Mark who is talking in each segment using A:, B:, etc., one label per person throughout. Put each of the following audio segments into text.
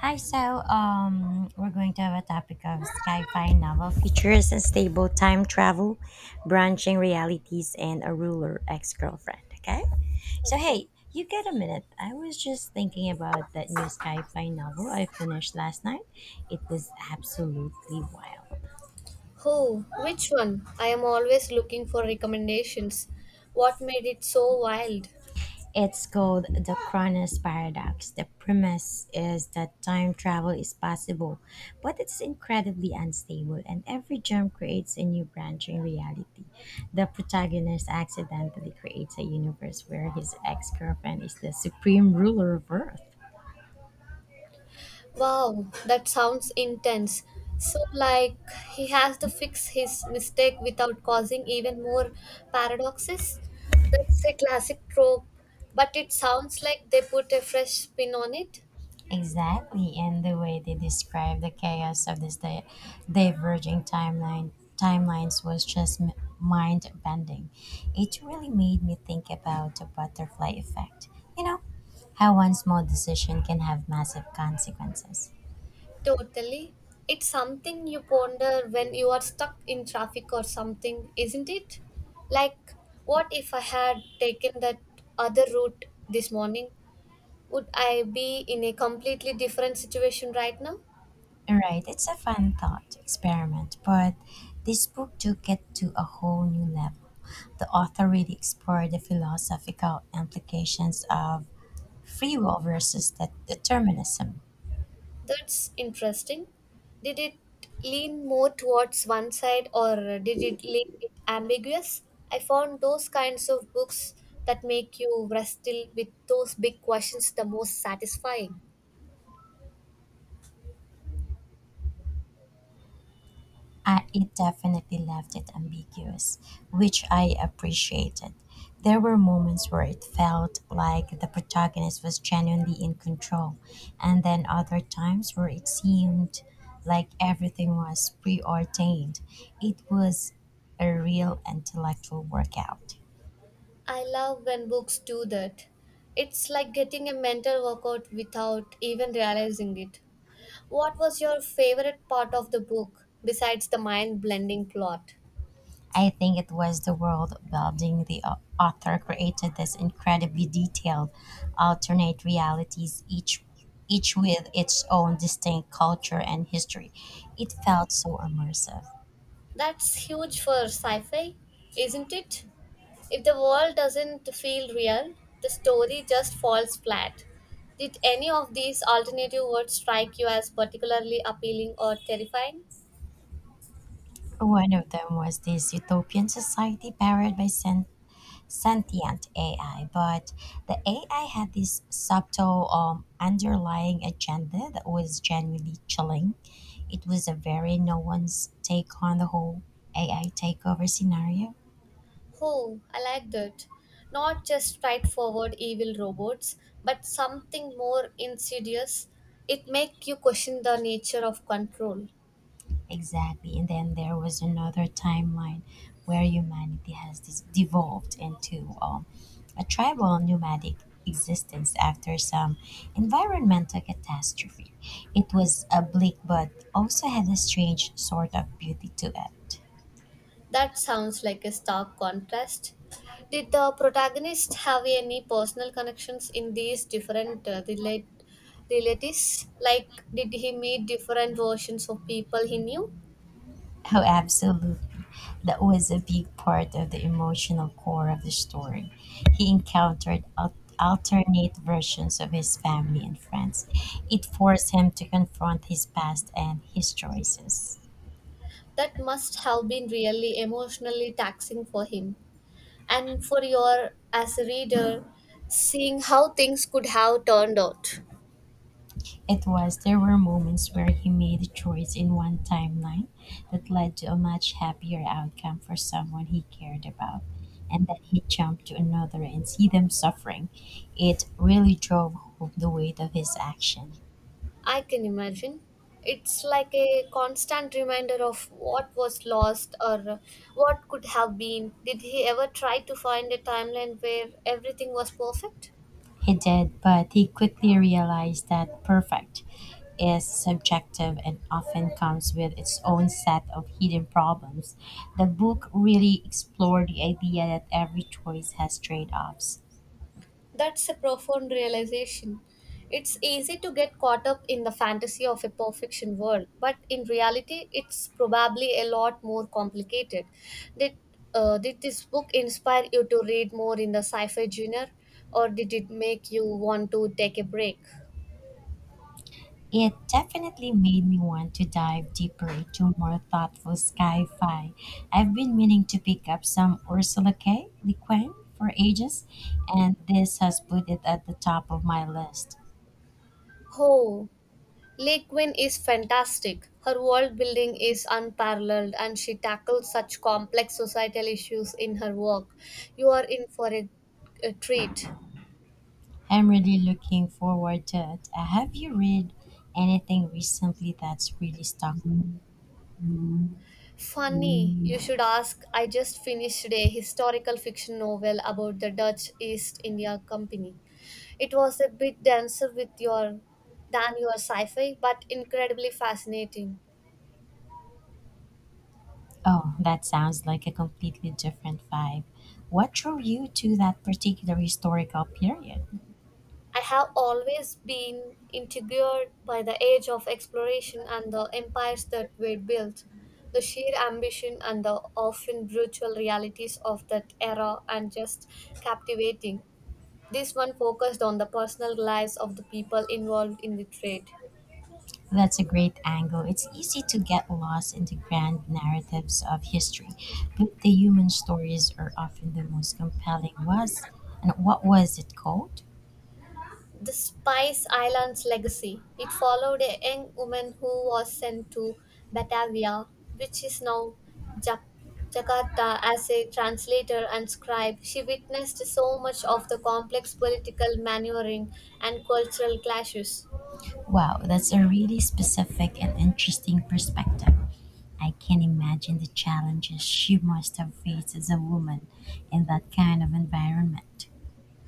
A: Hi, we're going to have a topic of sci-fi novel features and stable time travel, branching realities, and a ruler ex-girlfriend. Okay, so
B: Okay.
A: hey, you get a minute? I was just thinking about that new sci-fi novel I finished last night. It was absolutely wild.
B: Oh, which one? I am always looking for recommendations. What made it so wild?
A: It's called the Cronus paradox. The premise is that time travel is possible, but it's incredibly unstable, and every jump creates a new branch in reality. The protagonist accidentally creates a universe where his ex girlfriend is the supreme ruler of Earth.
B: Wow, that sounds intense. So, like, he has to fix his mistake without causing even more paradoxes? That's a classic trope, but it sounds like they put a fresh spin on it.
A: Exactly, and the way they described the chaos of this diverging timelines was just mind bending. It really made me think about the butterfly effect. You know, how one small decision can have massive consequences.
B: Totally. It's something you ponder when you are stuck in traffic or something, isn't it? Like, what if I had taken that other route this morning? Would I be in a completely different situation right now?
A: Right, it's a fun thought experiment, but this book took it to a whole new level. The author really explored the philosophical implications of free will versus determinism.
B: That's interesting. Did it lean more towards one side or did it lean it ambiguous? I found those kinds of books that make you wrestle with those big questions the most satisfying.
A: It definitely left it ambiguous, which I appreciated. There were moments where it felt like the protagonist was genuinely in control, and then other times where it seemed like everything was preordained. It was a real intellectual workout.
B: I love when books do that. It's like getting a mental workout without even realizing it. What was your favorite part of the book besides the mind blending plot?
A: I think it was the world building the author created this incredibly detailed alternate realities each with its own distinct culture and history. It felt so immersive.
B: That's huge for sci fi, isn't it? If the world doesn't feel real, the story just falls flat. Did any of these alternative words strike you as particularly appealing or terrifying?
A: One of them was this utopian society powered by sentient AI, but the AI had this subtle underlying agenda that was genuinely chilling. It was a very no one's take on the whole AI takeover scenario.
B: Oh, I like that. Not just straightforward evil robots, but something more insidious. It makes you question the nature of control.
A: Exactly. And then there was another timeline where humanity has this devolved into a tribal nomadic existence after some environmental catastrophe. It was a bleak but also had a strange sort of beauty to it.
B: That sounds like a stark contrast. Did the protagonist have any personal connections in these different relate realities? Like, did he meet different versions of people he knew?
A: Oh, absolutely. That was a big part of the emotional core of the story. He encountered alternate versions of his family and friends. It forced him to confront his past and his choices.
B: That must have been really emotionally taxing for him and for your as a reader seeing how things could have turned out.
A: It was there were moments where he made a choice in one timeline that led to a much happier outcome for someone he cared about. And then he jumped to another and see them suffering. It really drove home the weight of his action.
B: I can imagine it's like a constant reminder of what was lost or what could have been. Did he ever try to find a timeline where everything was perfect?
A: He did, but he quickly realized that perfect is subjective and often comes with its own set of hidden problems. The book really explored the idea that every choice has trade offs.
B: That's a profound realization. It's easy to get caught up in the fantasy of a perfection world, but in reality, it's probably a lot more complicated. Did, did this book inspire you to read more in the sci fi genre, or did it make you want to take a break?
A: It definitely made me want to dive deeper into more thoughtful sci fi. I've been meaning to pick up some Ursula K. Le Guin for ages, and this has put it at the top of my list.
B: Oh, Lake Gwyn is fantastic. Her world building is unparalleled and she tackles such complex societal issues in her work. You are in for a treat.
A: I'm really looking forward to it. Have you read anything recently that's really stuck with you?
B: Funny, you should ask. I just finished a historical fiction novel about the Dutch East India Company. It was a bit denser with your than your sci-fi, but incredibly fascinating.
A: Oh, that sounds like a completely different vibe. What drew you to that particular historical period?
B: I have always been intrigued by the age of exploration and the empires that were built, the sheer ambition and the often brutal realities of that era, and just captivating. This one focused on the personal lives of the people involved in the trade.
A: That's a great angle. It's easy to get lost in the grand narratives of history, but the human stories are often the most compelling. Was and what was it called?
B: The Spice Islands Legacy. It followed a young woman who was sent to Batavia, which is now Jak- Jakarta, as a translator and scribe. She witnessed so much of the complex political maneuvering and cultural clashes.
A: Wow, that's a really specific and interesting perspective. I can imagine the challenges she must have faced as a woman in that kind of environment.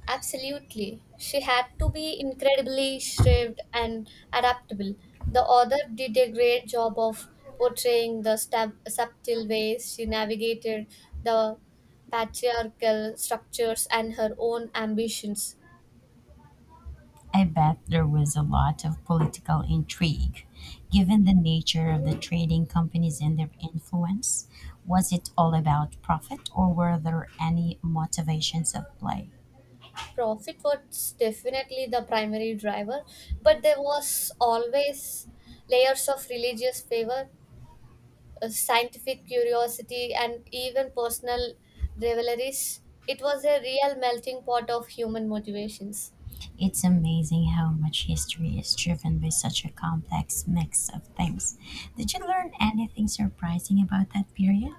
B: Absolutely. She had to be incredibly shrewd and adaptable. The author did a great job of portraying the subtle ways she navigated the patriarchal structures and her own ambitions.
A: I bet there was a lot of political intrigue. Given the nature of the trading companies and their influence, was it all about profit or were there any motivations at play?
B: Profit was definitely the primary driver, but there was always layers of religious favor, scientific curiosity, and even personal rivalries. It was a real melting pot of human motivations.
A: It's amazing how much history is driven by such a complex mix of things. Did you learn anything surprising about that period?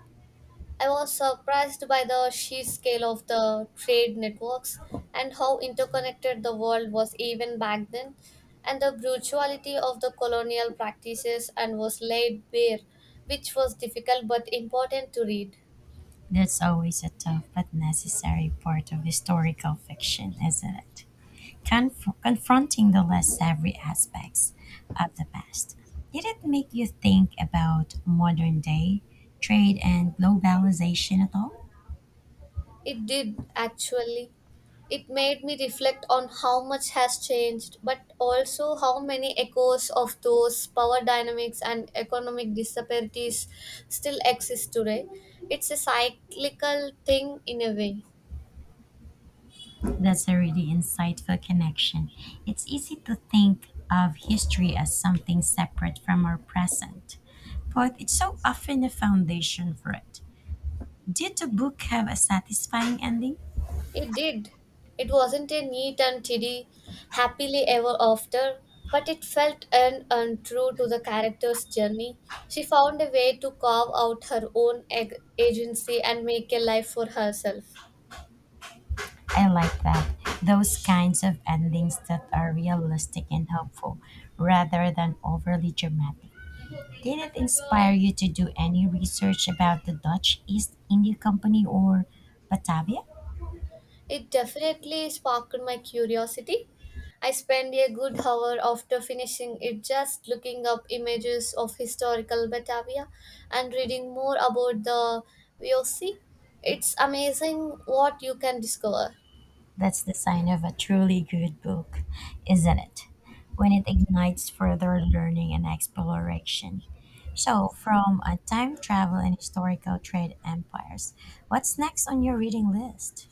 B: I was surprised by the sheer scale of the trade networks and how interconnected the world was even back then, and the brutality of the colonial practices and was laid bare, which was difficult but important to read.
A: That's always a tough but necessary part of historical fiction, isn't it? Confronting the less savory aspects of the past. Did it make you think about modern day trade and globalization at all?
B: It did actually. It made me reflect on how much has changed, but also how many echoes of those power dynamics and economic disparities still exist today. It's a cyclical thing in a way.
A: That's a really insightful connection. It's easy to think of history as something separate from our present, but it's so often a foundation for it. Did the book have a satisfying ending?
B: It did. It wasn't a neat and tidy, happily ever after, but it felt an untrue to the character's journey. She found a way to carve out her own agency and make a life for herself.
A: I like that. Those kinds of endings that are realistic and helpful rather than overly dramatic. Did it inspire you to do any research about the Dutch East India Company or Batavia?
B: It definitely sparked my curiosity. I spent a good hour after finishing it just looking up images of historical Batavia and reading more about the VOC. It's amazing what you can discover.
A: That's the sign of a truly good book, isn't it? When it ignites further learning and exploration. So, from a time travel and historical trade empires, what's next on your reading list?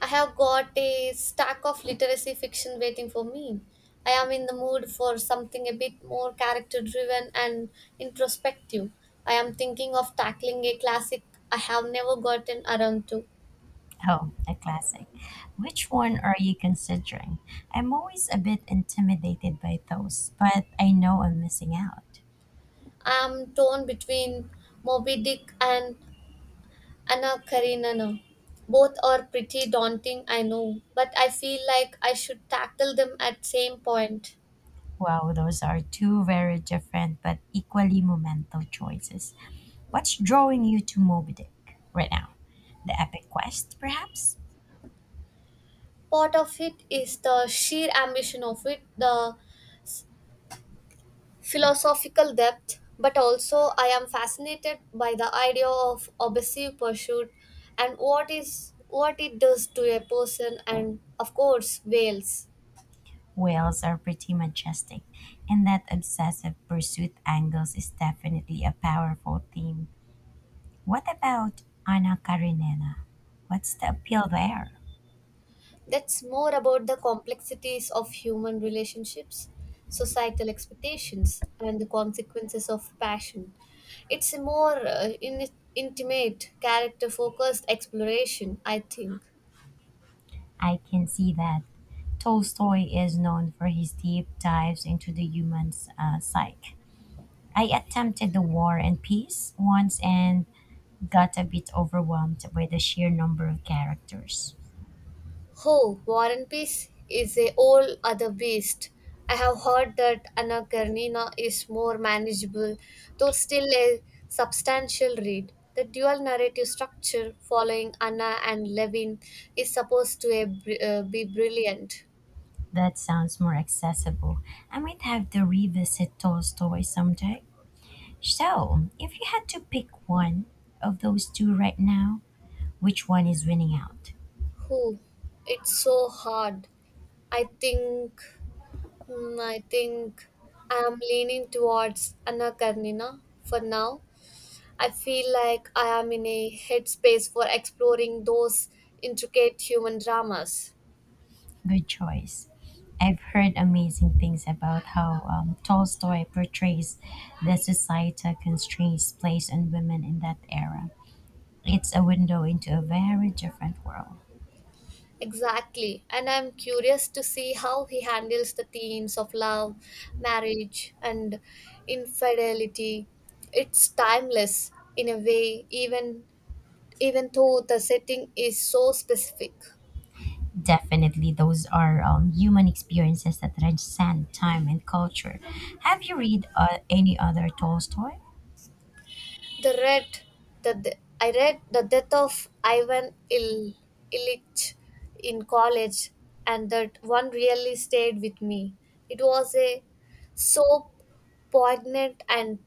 B: I have got a stack of literacy fiction waiting for me. I am in the mood for something a bit more character driven and introspective. I am thinking of tackling a classic I have never gotten around to.
A: Oh, a classic. Which one are you considering? I'm always a bit intimidated by those, but I know I'm missing out.
B: I'm torn between Moby Dick and Anna Karenina. Both are pretty daunting, I know, but I feel like I should tackle them at same point.
A: Wow, those are two very different but equally monumental choices. What's drawing you to Moby Dick right now? The epic quest, perhaps?
B: Part of it is the sheer ambition of it, the philosophical depth, but also I am fascinated by the idea of obsessive pursuit and what is what it does to a person and of course whales.
A: Whales are pretty majestic, and that obsessive pursuit angles is definitely a powerful theme. What about Anna Karenina? What's the appeal there?
B: That's more about the complexities of human relationships, societal expectations, and the consequences of passion. It's a more intimate, character focused exploration, I think.
A: I can see that. Tolstoy is known for his deep dives into the human psyche. I attempted the War and Peace once and got a bit overwhelmed by the sheer number of characters.
B: Oh, War and Peace is a whole other beast. I have heard that Anna Karenina is more manageable, though still a substantial read. The dual narrative structure following Anna and Levin is supposed to be brilliant.
A: That sounds more accessible. I might have to revisit Tolstoy someday. So, if you had to pick one of those two right now, which one is winning out?
B: Who? It's so hard. I think, hmm, I think I am leaning towards Anna Karenina for now. I feel like I am in a headspace for exploring those intricate human dramas.
A: Good choice. I've heard amazing things about how Tolstoy portrays the societal constraints placed on women in that era. It's a window into a very different world.
B: Exactly, and I'm curious to see how he handles the themes of love, marriage, and infidelity. It's timeless in a way, even though the setting is so specific.
A: Definitely, those are human experiences that transcend time and culture. Have you read any other Tolstoy?
B: The red, the, de- I read the death of Illich in college, and that one really stayed with me. It was a so poignant and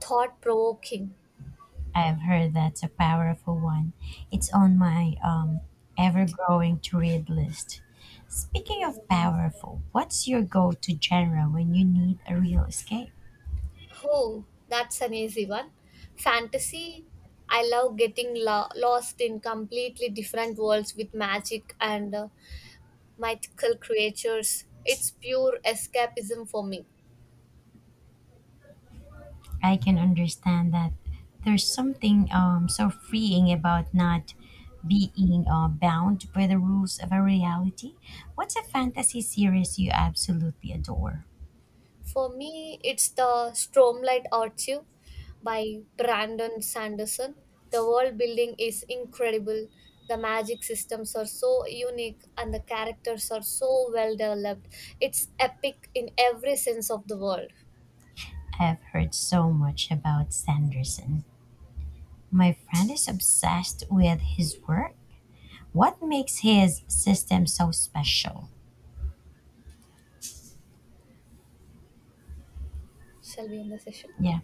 B: thought provoking.
A: I've heard that's a powerful one. It's on my ever growing to read list. Speaking of powerful, what's your go to genre when you need a real escape?
B: Oh, that's an easy one. Fantasy. I love getting lost in completely different worlds with magic and mythical creatures. It's pure escapism for me.
A: I can understand that there's something so freeing about not being bound by the rules of a reality. What's a fantasy series you absolutely adore?
B: For me, it's the Stromlight Archive by Brandon Sanderson. The world building is incredible. The magic systems are so unique and the characters are so well developed. It's epic in every sense of the word.
A: I've heard so much about Sanderson. My friend is obsessed with his work. What makes his system so special?
B: Shall we end the session?
A: Yeah.